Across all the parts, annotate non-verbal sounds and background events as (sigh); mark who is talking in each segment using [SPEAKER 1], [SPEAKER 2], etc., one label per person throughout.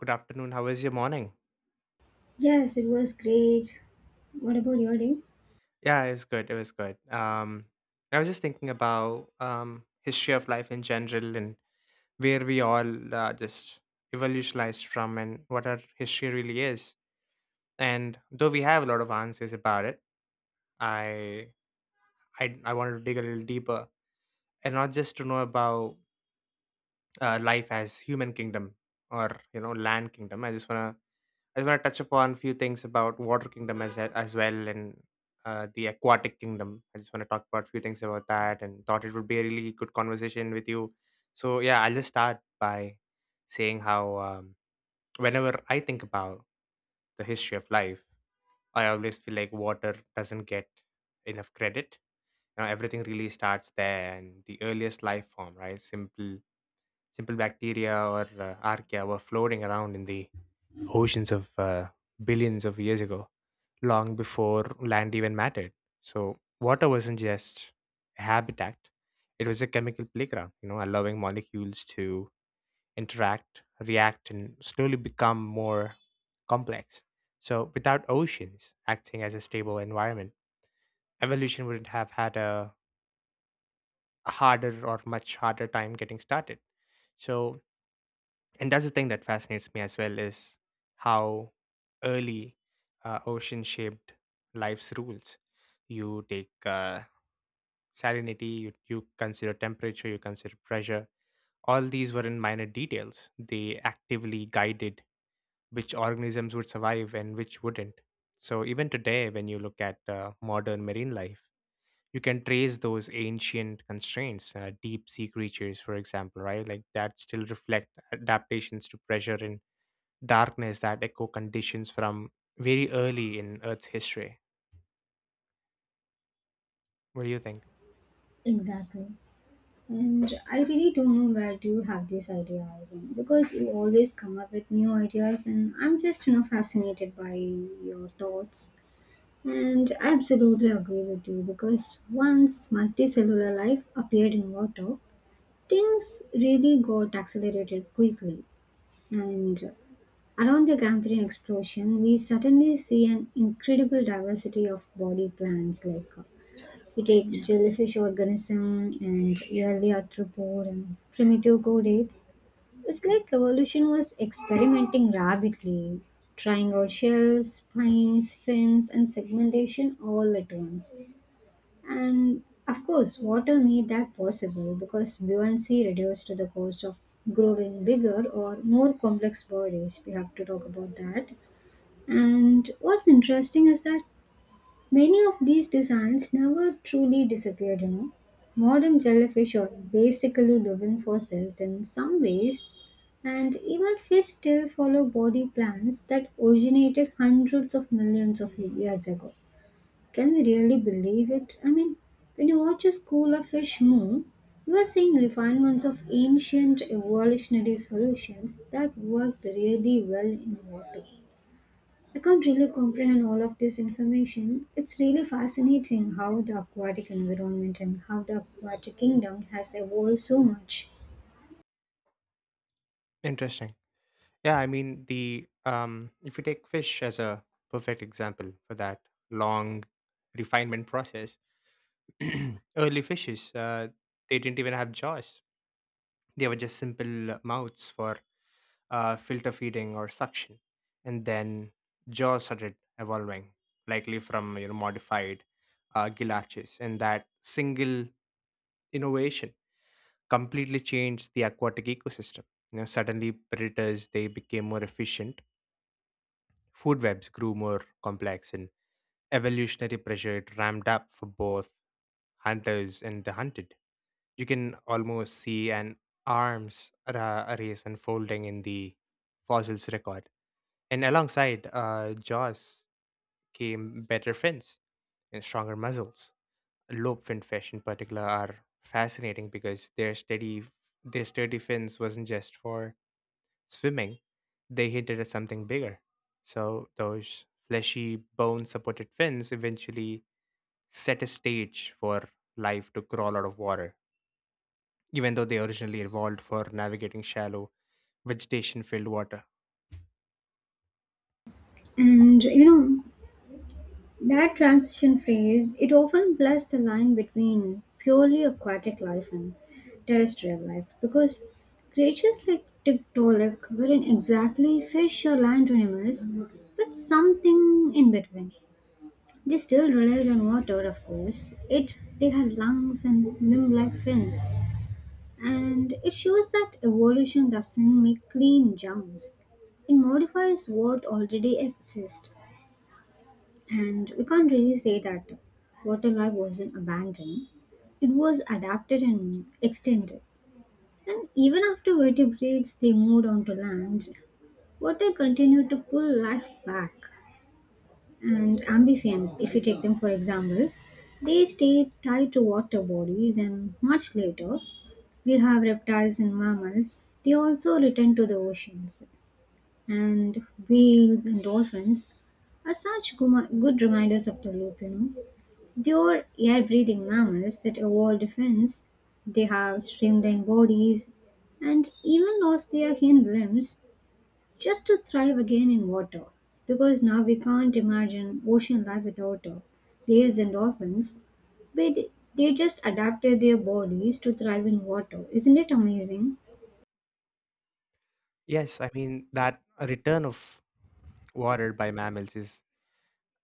[SPEAKER 1] Good afternoon. How was your morning?
[SPEAKER 2] Yes, it was great. What about your day?
[SPEAKER 1] Yeah, it was good. It was good. I was just thinking about history of life in general, and where we all just evolutionized from and what our history really is. And though we have a lot of answers about it, I I wanted to dig a little deeper, and not just to know about life as human kingdom or you know land kingdom. I want to touch upon few things about Water Kingdom as well, and the Aquatic Kingdom. I just want to talk about few things about that, and thought it would be a really good conversation with you. So yeah, I'll just start by saying how whenever I think about the history of life, I always feel like water doesn't get enough credit. You know, everything really starts there, and the earliest life form, right? Simple bacteria or archaea were floating around in the oceans of billions of years ago, long before land even mattered. So water wasn't just a habitat, it was a chemical playground, you know, allowing molecules to interact, react, and slowly become more complex. So without oceans acting as a stable environment, evolution wouldn't have had a harder or much harder time getting started. So, and that's the thing that fascinates me as well is how early ocean shaped life's rules. You take salinity, you consider temperature, you consider pressure. All these were in minor details; they actively guided which organisms would survive and which wouldn't. So even today when you look at modern marine life, you can trace those ancient constraints. Deep sea creatures, for example, right, like that still reflect adaptations to pressure and darkness that echo conditions from very early in Earth's history. What do you think?
[SPEAKER 2] Exactly. And I really don't know where to have these ideas and because you always come up with new ideas and I'm just fascinated by your thoughts. And I absolutely agree with you because once multicellular life appeared in water, things really got accelerated quickly. And around the Cambrian explosion, we suddenly see an incredible diversity of body plans, like he takes jellyfish organism and early arthropod and primitive chordates. It's like evolution was experimenting rabidly, trying out shells, spines, fins, and segmentation all at once. And of course, water made that possible because buoyancy reduced to the cost of growing bigger or more complex bodies. We have to talk about that. And what's interesting is that many of these designs never truly disappeared, you know. Modern jellyfish are basically living fossils in some ways, and even fish still follow body plans that originated hundreds of millions of years ago. Can we really believe it? I mean, when you watch a school of fish move, you are seeing refinements of ancient evolutionary solutions that worked really well in water. I can't really comprehend all of this information. It's really fascinating how the aquatic environment and how the aquatic kingdom has evolved so much.
[SPEAKER 1] Interesting. Yeah, I mean the if you take fish as a perfect example for that long refinement process, (clears throat) early fishes they didn't even have jaws; they were just simple mouths for filter feeding or suction, and then jaws started evolving, likely from you know modified gill arches, and that single innovation completely changed the aquatic ecosystem. You know, suddenly predators they became more efficient, food webs grew more complex, and evolutionary pressure it ramped up for both hunters and the hunted. You can almost see an race unfolding in the fossils record, and alongside jaws came better fins and stronger muscles. Lobe finned fish in particular are fascinating because their sturdy fins wasn't just for swimming, they hinted at something bigger. So those fleshy, bone supported fins eventually set a stage for life to crawl out of water, even though they originally evolved for navigating shallow, vegetation filled water.
[SPEAKER 2] And you know, that transition phase, it often blurs the line between purely aquatic life and terrestrial life, because creatures like Tiktaalik weren't exactly fish or land animals, but something in between. They still relied on water, of course. It they had lungs and limb-like fins, and it shows that evolution doesn't make clean jumps. It modifies what already exists, and we can't really say that water life wasn't abandoned. It was adapted and extended. And even after vertebrates they moved onto land, water continued to pull life back. And amphibians, if you take them for example, they stay tied to water bodies, and much later, we have reptiles and mammals. They also return to the oceans, and whales and dolphins are such guma- good reminders of the loop. You know, they are air-breathing mammals that evolved defense. They have streamlined bodies, and even lost their hind limbs just to thrive again in water, because now we can't imagine ocean life without whales and dolphins. But they just adapted their bodies to thrive in water. Isn't it amazing?
[SPEAKER 1] Yes, I mean, that return of water by mammals is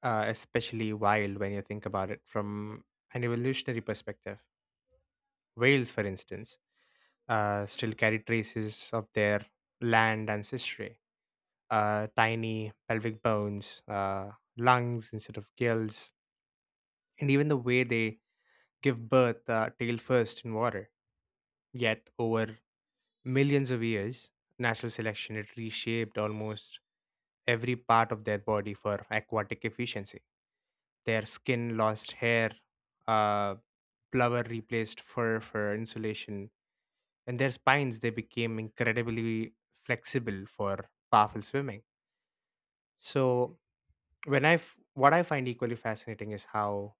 [SPEAKER 1] especially wild when you think about it from an evolutionary perspective. Whales, for instance, still carry traces of their land ancestry, tiny pelvic bones, lungs instead of gills, and even the way they give birth, tail first in water. Yet, over millions of years, natural selection had reshaped almost every part of their body for aquatic efficiency. Their skin lost hair, uh, blubber replaced fur for insulation, and their spines they became incredibly flexible for powerful swimming. So what I find equally fascinating is how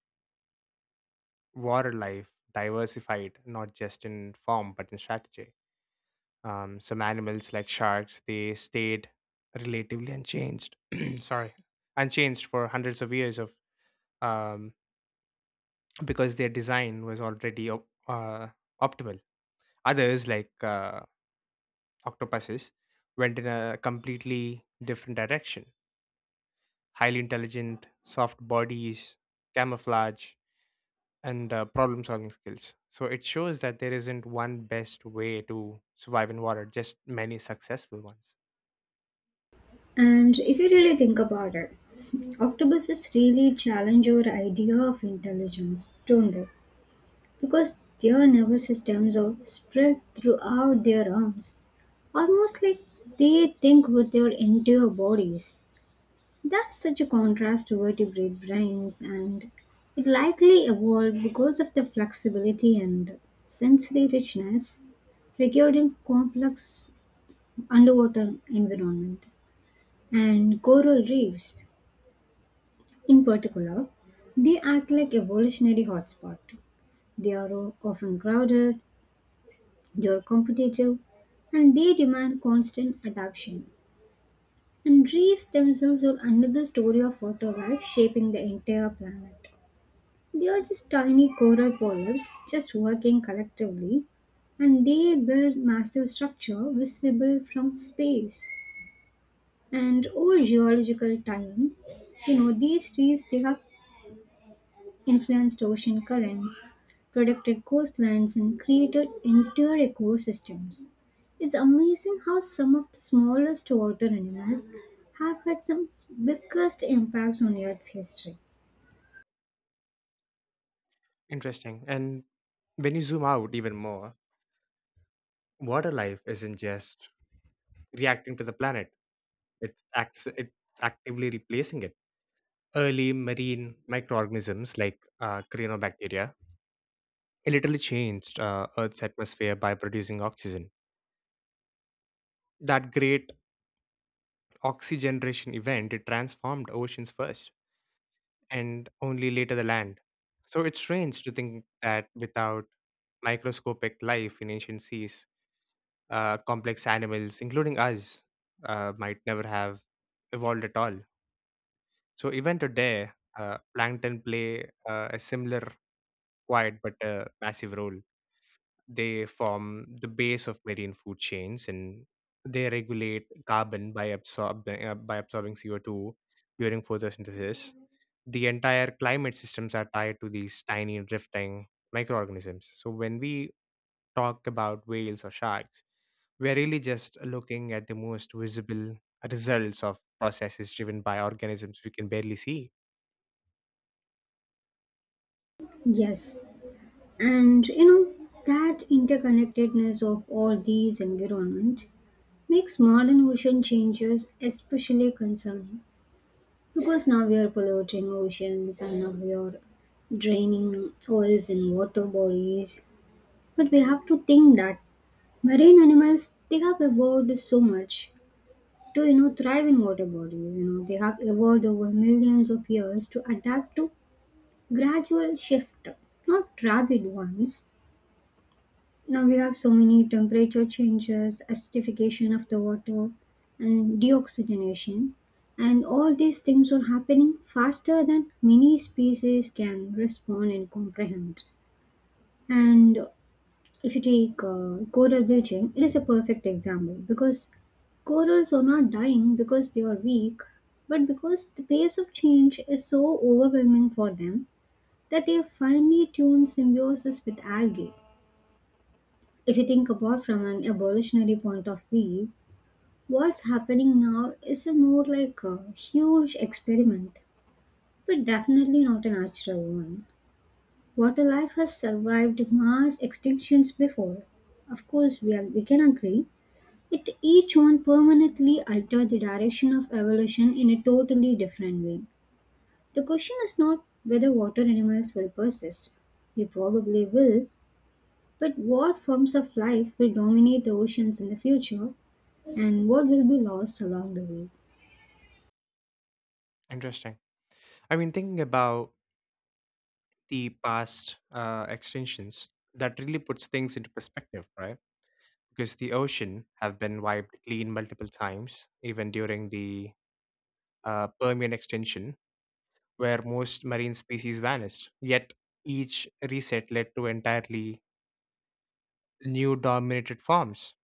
[SPEAKER 1] water life diversified not just in form but in strategy. Some animals like sharks they stayed relatively unchanged. (clears throat) Sorry, unchanged for hundreds of years of um, because their design was already optimal. Others like octopuses went in a completely different direction. Highly intelligent, soft bodies, camouflage, and problem solving skills. So it shows that there isn't one best way to survive in water, just many successful ones.
[SPEAKER 2] And if you really think about it, octopuses really challenge our idea of intelligence, don't they? Because their nervous systems are spread throughout their arms, almost like they think with their entire bodies. That's such a contrast to vertebrate brains, and it likely evolved because of the flexibility and sensory richness required in complex underwater environment. And coral reefs in particular, they act like evolutionary hotspot. They are often crowded, they are competitive, and they demand constant adaptation. And reefs themselves are another story of water life shaping the entire planet. They are just tiny coral polyps just working collectively, and they build massive structure visible from space. And over geological time, you know, these trees they have influenced ocean currents, protected coastlines, and created entire ecosystems. It's amazing how some of the smallest water animals have had some biggest impacts on Earth's history.
[SPEAKER 1] Interesting. And when you zoom out even more, water life isn't just reacting to the planet, it's actively replacing it. Early marine microorganisms like cyanobacteria literally changed Earth's atmosphere by producing oxygen. That great oxygeneration event it transformed oceans first, and only later the land. So it's strange to think that without microscopic life in ancient seas, complex animals, including us, might never have evolved at all. So even today, plankton play a similar quiet but massive role. They form the base of marine food chains, and they regulate carbon by, absorbing CO2 during photosynthesis. The entire climate systems are tied to these tiny drifting microorganisms. So when we talk about whales or sharks, we're really just looking at the most visible results of processes driven by organisms we can barely see.
[SPEAKER 2] Yes, and you know, that interconnectedness of all these environments makes modern ocean changes especially concerning, because now we are polluting oceans and now we are draining oils in water bodies. But we have to think that marine animals they have evolved so much to thrive in water bodies. You know, they have evolved over millions of years to adapt to gradual shift, not rapid ones. Now we have so many temperature changes, acidification of the water, and deoxygenation. And all these things are happening faster than many species can respond and comprehend. And if you take coral bleaching, it is a perfect example, because corals are not dying because they are weak, but because the pace of change is so overwhelming for them that they have finely tuned symbiosis with algae. If you think about from an evolutionary point of view, what's happening now is a more like a huge experiment, but definitely not a natural one. Water life has survived mass extinctions before. Of course, we, are, we can agree. It each one permanently altered the direction of evolution in a totally different way. The question is not whether water animals will persist. They probably will, but what forms of life will dominate the oceans in the future, and what will be lost along the way.
[SPEAKER 1] Interesting. I mean, thinking about the past extensions that really puts things into perspective, right? Because the ocean have been wiped clean multiple times, even during the permian extension, where most marine species vanished, yet each reset led to entirely new dominated forms.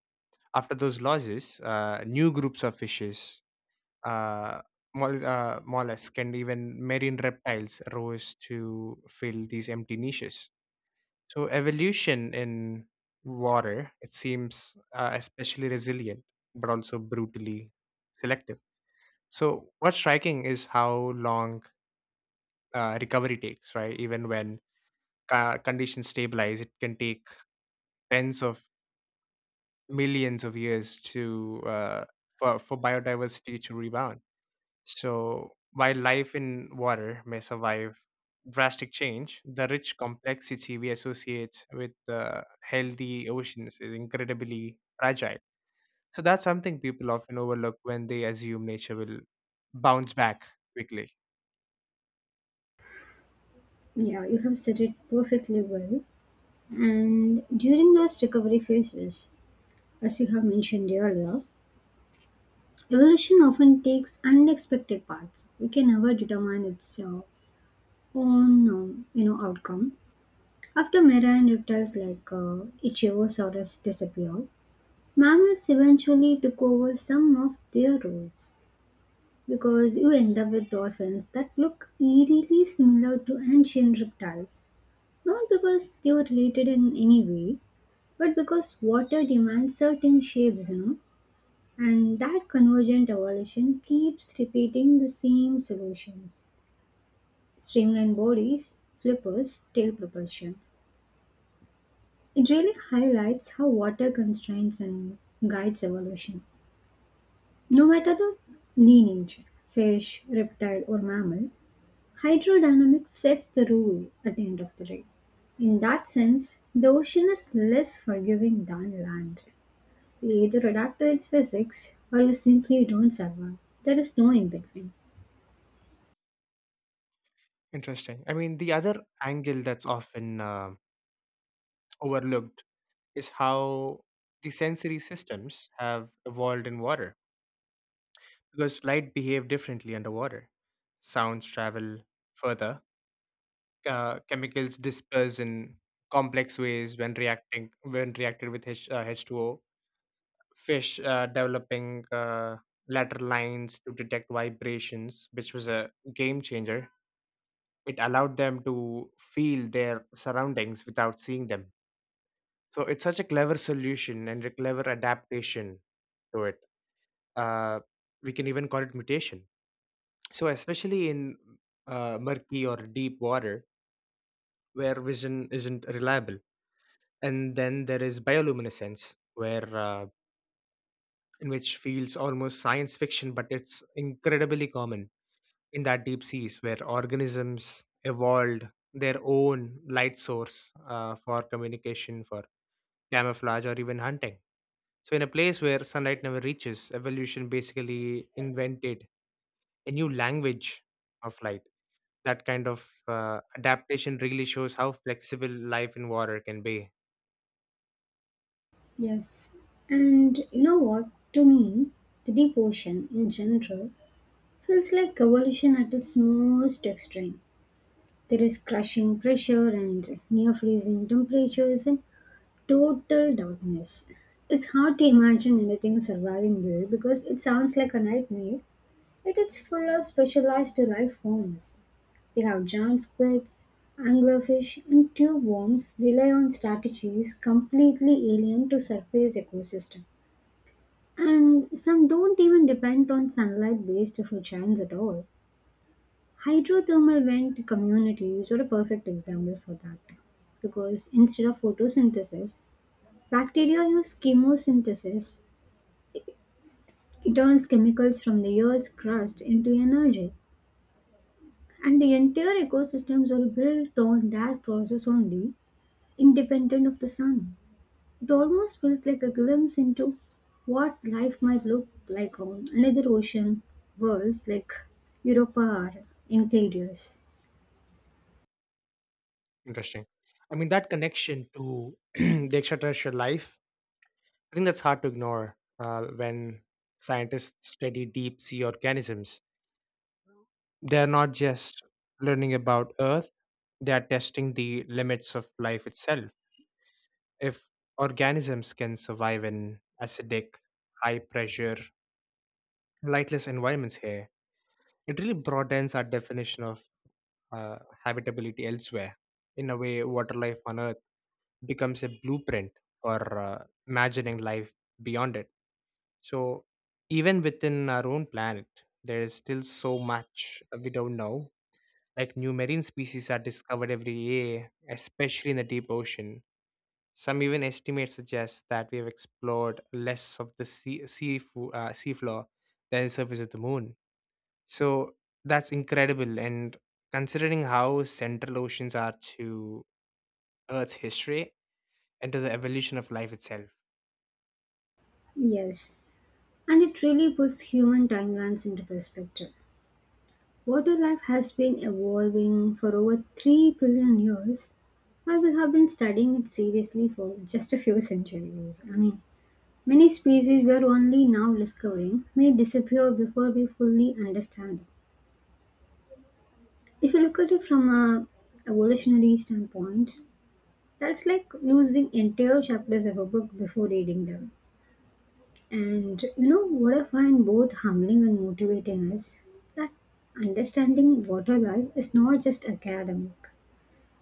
[SPEAKER 1] After those losses, new groups of fishes, uh, mollusk, and even marine reptiles rose to fill these empty niches. So evolution in water, it seems especially resilient, but also brutally selective. So what's striking is how long recovery takes, right? Even when conditions stabilize, it can take tens of millions of years to for biodiversity to rebound. So, while life in water may survive drastic change, the rich complexity we associate with healthy oceans is incredibly fragile. So, that's something people often overlook when they assume nature will bounce back quickly.
[SPEAKER 2] Yeah, you have said it perfectly well. And during those recovery phases, as you have mentioned earlier, evolution often takes unexpected paths. We can never determine its outcome. After Mera and reptiles like Ichthyosaurus disappeared, mammals eventually took over some of their roles, because you end up with dolphins that look eerily similar to ancient reptiles. Not because they were related in any way, but because water demands certain shapes, you know, and that convergent evolution keeps repeating the same solutions: streamlined bodies, flippers, tail propulsion. It really highlights how water constrains and guides evolution. No matter the lineage, fish, reptile, or mammal, hydrodynamics sets the rule at the end of the day. In that sense, the ocean is less forgiving than land. You either adapt to its physics or you simply don't survive. There is no in between.
[SPEAKER 1] Interesting. I mean, the other angle that's often overlooked is how the sensory systems have evolved in water, because light behave differently underwater. Sounds travel further, chemicals disperse in complex ways when reacted with H2O. Fish developing lateral lines to detect vibrations, which was a game changer. It allowed them to feel their surroundings without seeing them. So it's such a clever solution and a clever adaptation to it. Uh, we can even call it mutation. So especially in murky or deep water where vision isn't reliable. And then there is bioluminescence, where in which feels almost science fiction, but it's incredibly common in that deep seas where organisms evolved their own light source for communication, for camouflage, or even hunting. So in a place where sunlight never reaches, evolution basically invented a new language of light. That kind of adaptation really shows how flexible life in water can be.
[SPEAKER 2] Yes. And you know what? To me, the deep ocean in general feels like evolution at its most extreme. There is crushing pressure and near freezing temperatures and total darkness. It's hard to imagine anything surviving there because it sounds like a nightmare, yet it's full of specialized life forms. They have giant squids, anglerfish, and tube worms rely on strategies completely alien to surface ecosystem. And some don't even depend on sunlight based food chains at all. Hydrothermal vent communities are a perfect example for that. Because instead of photosynthesis, bacteria use chemosynthesis. It turns chemicals from the Earth's crust into energy. And the entire ecosystems are built on that process only, independent of the sun. It almost feels like a glimpse into what life might look like on another ocean worlds like Europa or Enceladus.
[SPEAKER 1] Interesting. I mean, that connection to (clears throat) the extraterrestrial life, I think that's hard to ignore when scientists study deep sea organisms. They're not just learning about Earth, they're testing the limits of life itself. If organisms can survive in acidic, high pressure, lightless environments here, it really broadens our definition of habitability elsewhere. In a way, water life on Earth becomes a blueprint for imagining life beyond it. So, even within our own planet, there is still so much we don't know. Like new marine species are discovered every year, especially in the deep ocean. Some even estimates suggest that we have explored less of the seafloor than the surface of the moon. So that's incredible. And considering how central oceans are to Earth's history and to the evolution of life itself.
[SPEAKER 2] Yes, and it really puts human timelines into perspective. Water life has been evolving for over 3 billion years, while we have been studying it seriously for just a few centuries. I mean, many species we are only now discovering may disappear before we fully understand them. If you look at it from a evolutionary standpoint, that's like losing entire chapters of a book before reading them. And you know what I find both humbling and motivating is that understanding water life is not just academic.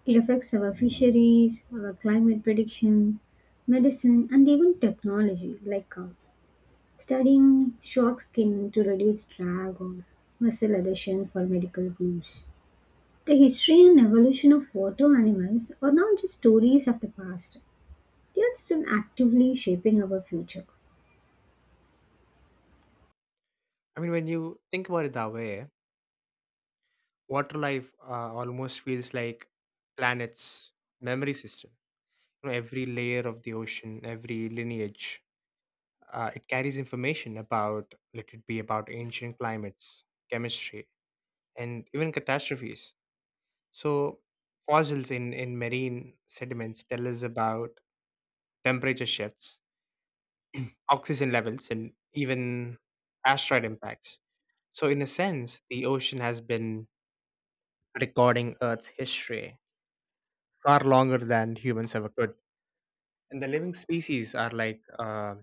[SPEAKER 2] It affects our fisheries, our climate prediction, medicine, and even technology, like studying shark skin to reduce drag or muscle adhesion for medical use. The history and evolution of water animals are not just stories of the past, they are still actively shaping our future.
[SPEAKER 1] I mean, when you think about it that way, water life almost feels like planet's memory system. You know, every layer of the ocean, every lineage, it carries information about, let it be about ancient climates, chemistry, and even catastrophes. So, fossils in marine sediments tell us about temperature shifts, oxygen levels, and even asteroid impacts. So, in a sense, the ocean has been recording Earth's history far longer than humans ever could. And the living species are like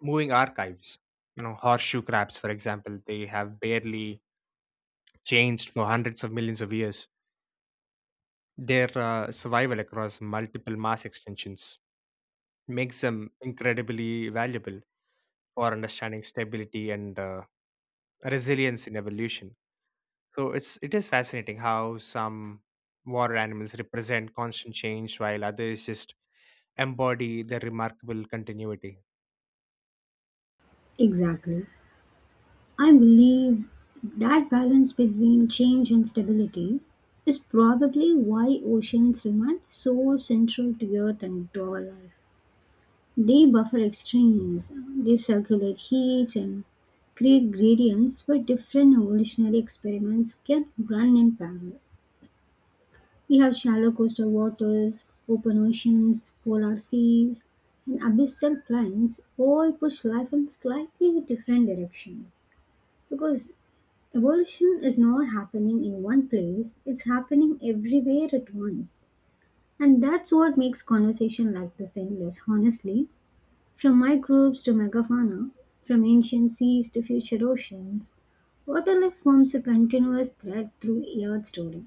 [SPEAKER 1] moving archives. You know, horseshoe crabs, for example, they have barely changed for hundreds of millions of years. Their survival across multiple mass extinctions makes them incredibly valuable for understanding stability and resilience in evolution. So it is fascinating how some water animals represent constant change while others just embody their remarkable continuity.
[SPEAKER 2] Exactly. I believe that balance between change and stability is probably why oceans remain so central to Earth and to our life. They buffer extremes, they circulate heat and create gradients where different evolutionary experiments can run in parallel. We have shallow coastal waters, open oceans, polar seas, and abyssal plains all push life in slightly different directions. Because evolution is not happening in one place, it's happening everywhere at once. And that's what makes conversation like this endless, honestly. From microbes to megafauna, from ancient seas to future oceans, waterlife forms a continuous thread through Earth's story.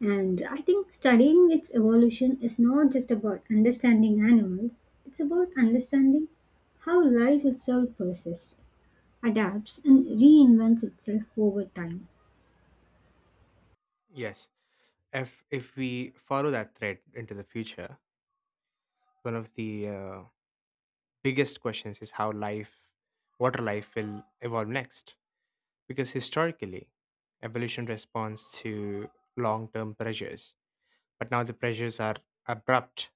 [SPEAKER 2] And I think studying its evolution is not just about understanding animals, it's about understanding how life itself persists, adapts, and reinvents itself over time.
[SPEAKER 1] Yes. If we follow that thread into the future, one of the biggest questions is how life, water life, will evolve next. Because historically, evolution responds to long-term pressures, but now the pressures are abrupt: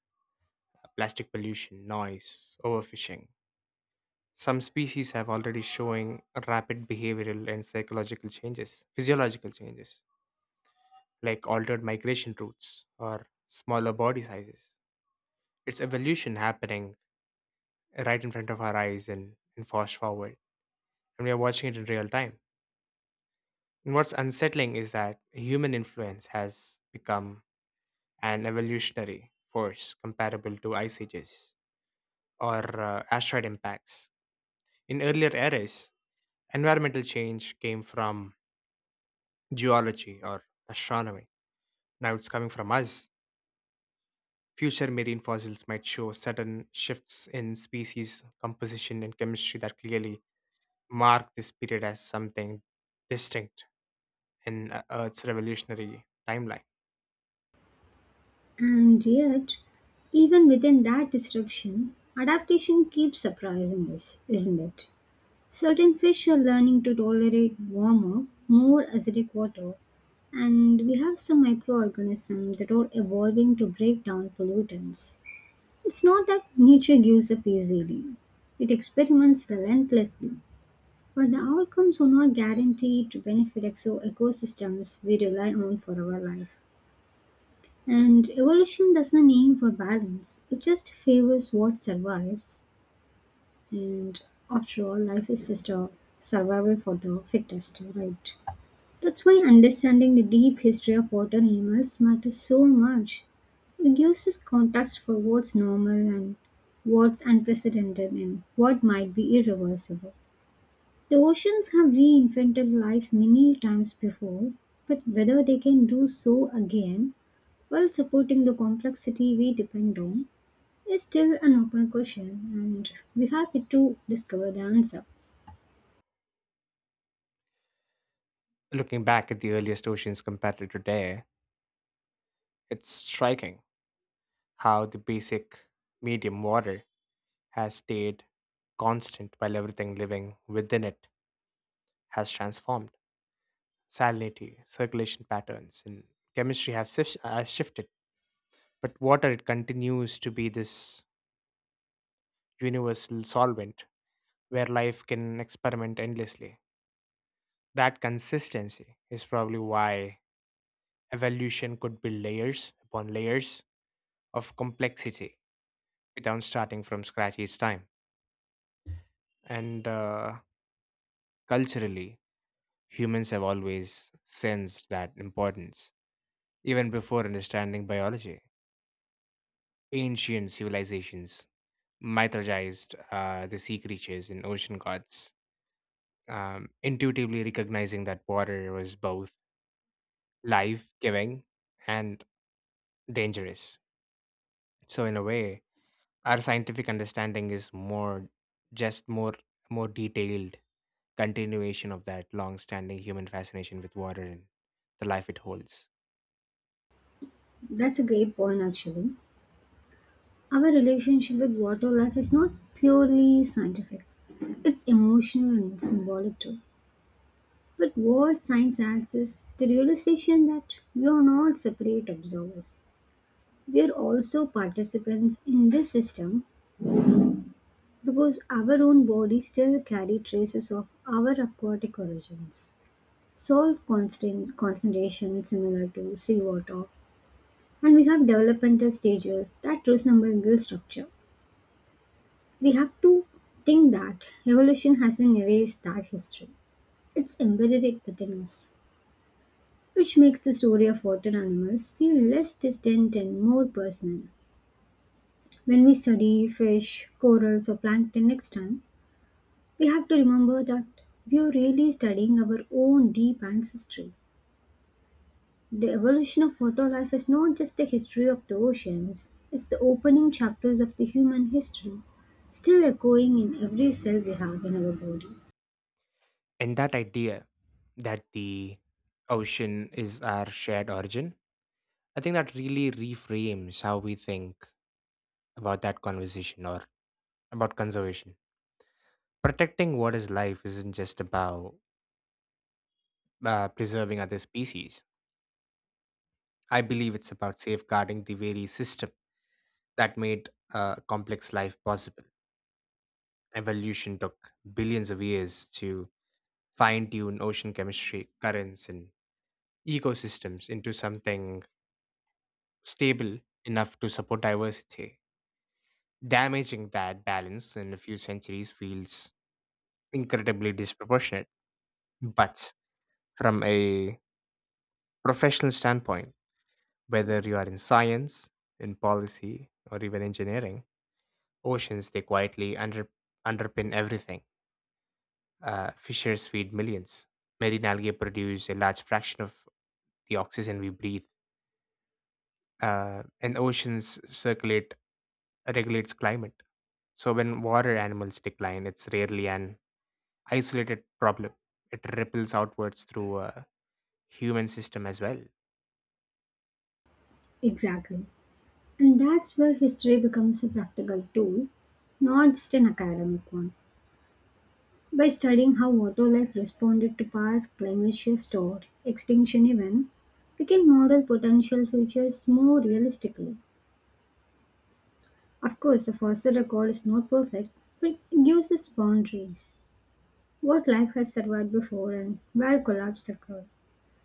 [SPEAKER 1] plastic pollution, noise, overfishing. Some species have already showing rapid behavioral and psychological changes, physiological changes, like altered migration routes or smaller body sizes. It's evolution happening right in front of our eyes, and fast forward, and we are watching it in real time. And what's unsettling is that human influence has become an evolutionary force comparable to ice ages or asteroid impacts. In earlier eras, environmental change came from geology or astronomy. Now it's coming from us. Future marine fossils might show sudden shifts in species composition and chemistry that clearly mark this period as something distinct in Earth's revolutionary timeline.
[SPEAKER 2] And yet, even within that disruption, adaptation keeps surprising us, isn't it? Certain fish are learning to tolerate warmer, more acidic water, and we have some microorganisms that are evolving to break down pollutants. It's not that nature gives up easily, it experiments relentlessly, but the outcomes are not guaranteed to benefit exo ecosystems we rely on for our life. And evolution doesn't aim for balance, it just favors what survives. And after all, life is just a survival for the fittest, right? That's why understanding the deep history of water animals matters so much. It gives us context for what's normal and what's unprecedented and what might be irreversible. The oceans have reinvented life many times before, but whether they can do so again while supporting the complexity we depend on is still an open question, and we have yet to discover the answer.
[SPEAKER 1] Looking back at the earliest oceans compared to today, it's striking how the basic medium water has stayed constant while everything living within it has transformed. Salinity, circulation patterns, and chemistry has shifted, but water it continues to be this universal solvent where life can experiment endlessly. That consistency is probably why evolution could be layers upon layers of complexity without starting from scratch each time. And culturally, humans have always sensed that importance, even before understanding biology. Ancient civilizations mythologized the sea creatures and ocean gods, intuitively recognizing that water was both life giving and dangerous. So, in a way, our scientific understanding is more just more more detailed continuation of that long-standing human fascination with water and the life it holds.
[SPEAKER 2] That's a great point, actually. Our relationship with water life is not purely scientific, it's emotional and symbolic too. But what science asks is the realization that we are not separate observers. We are also participants in this system, because our own bodies still carry traces of our aquatic origins. Salt constant concentration similar to seawater, and we have developmental stages that resemble gill structure. We have to think that evolution hasn't erased that history. It's embedded it within us, which makes the story of water animals feel less distant and more personal. When we study fish, corals or plankton next time, we have to remember that we are really studying our own deep ancestry. The evolution of water life is not just the history of the oceans, it's the opening chapters of the human history, still echoing in every cell we have in our body.
[SPEAKER 1] And that idea that the ocean is our shared origin, I think that really reframes how we think about that conversation or about conservation. Protecting what is life isn't just about preserving other species. I believe it's about safeguarding the very system that made complex life possible. Evolution took billions of years to fine tune ocean chemistry, currents, and ecosystems into something stable enough to support diversity. Damaging that balance in a few centuries feels incredibly disproportionate. But from a professional standpoint, whether you are in science, in policy, or even engineering, oceans they quietly underpin everything. Fishers feed millions, marine algae produce a large fraction of the oxygen we breathe, and oceans circulate regulates climate. So when water animals decline, it's rarely an isolated problem. It ripples outwards through a human system as well.
[SPEAKER 2] Exactly. And that's where history becomes a practical tool, not just an academic one. By studying how water life responded to past climate shifts or extinction events, we can model potential futures more realistically. Of course, the fossil record is not perfect, but it gives us boundaries: what life has survived before and where collapse occurred.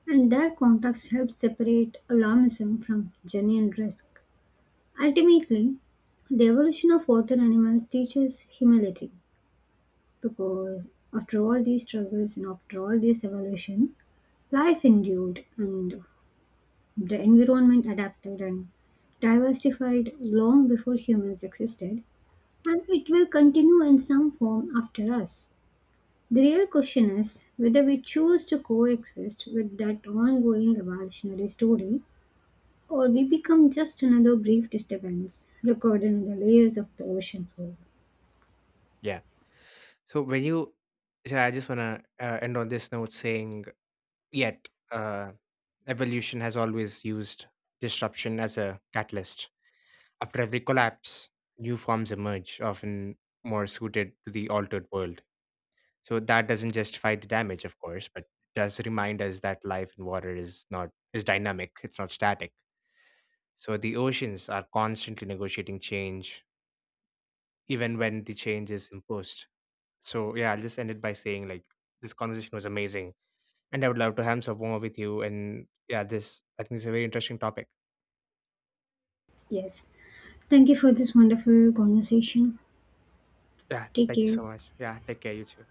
[SPEAKER 2] And that context helps separate alarmism from genuine risk. Ultimately, the evolution of water animals teaches humility, because after all these struggles and after all this evolution, life endured and the environment adapted and diversified long before humans existed, and it will continue in some form after us. The real question is whether we choose to coexist with that ongoing evolutionary story or we become just another brief disturbance recorded in the layers of the ocean floor.
[SPEAKER 1] Yeah. So when you, so I just wanna end on this note saying, yet evolution has always used disruption as a catalyst. After every collapse, new forms emerge, often more suited to the altered world. So that doesn't justify the damage, of course, but does remind us that life in water is dynamic, it's not static. So the oceans are constantly negotiating change, even when the change is imposed. So yeah, I'll just end it by saying like this conversation was amazing. And I would love to have some more with you. And yeah, this I think is a very interesting topic.
[SPEAKER 2] Yes. Thank you for this wonderful conversation.
[SPEAKER 1] Yeah,
[SPEAKER 2] Take
[SPEAKER 1] thank you
[SPEAKER 2] care.
[SPEAKER 1] so much. Yeah, take care, you too.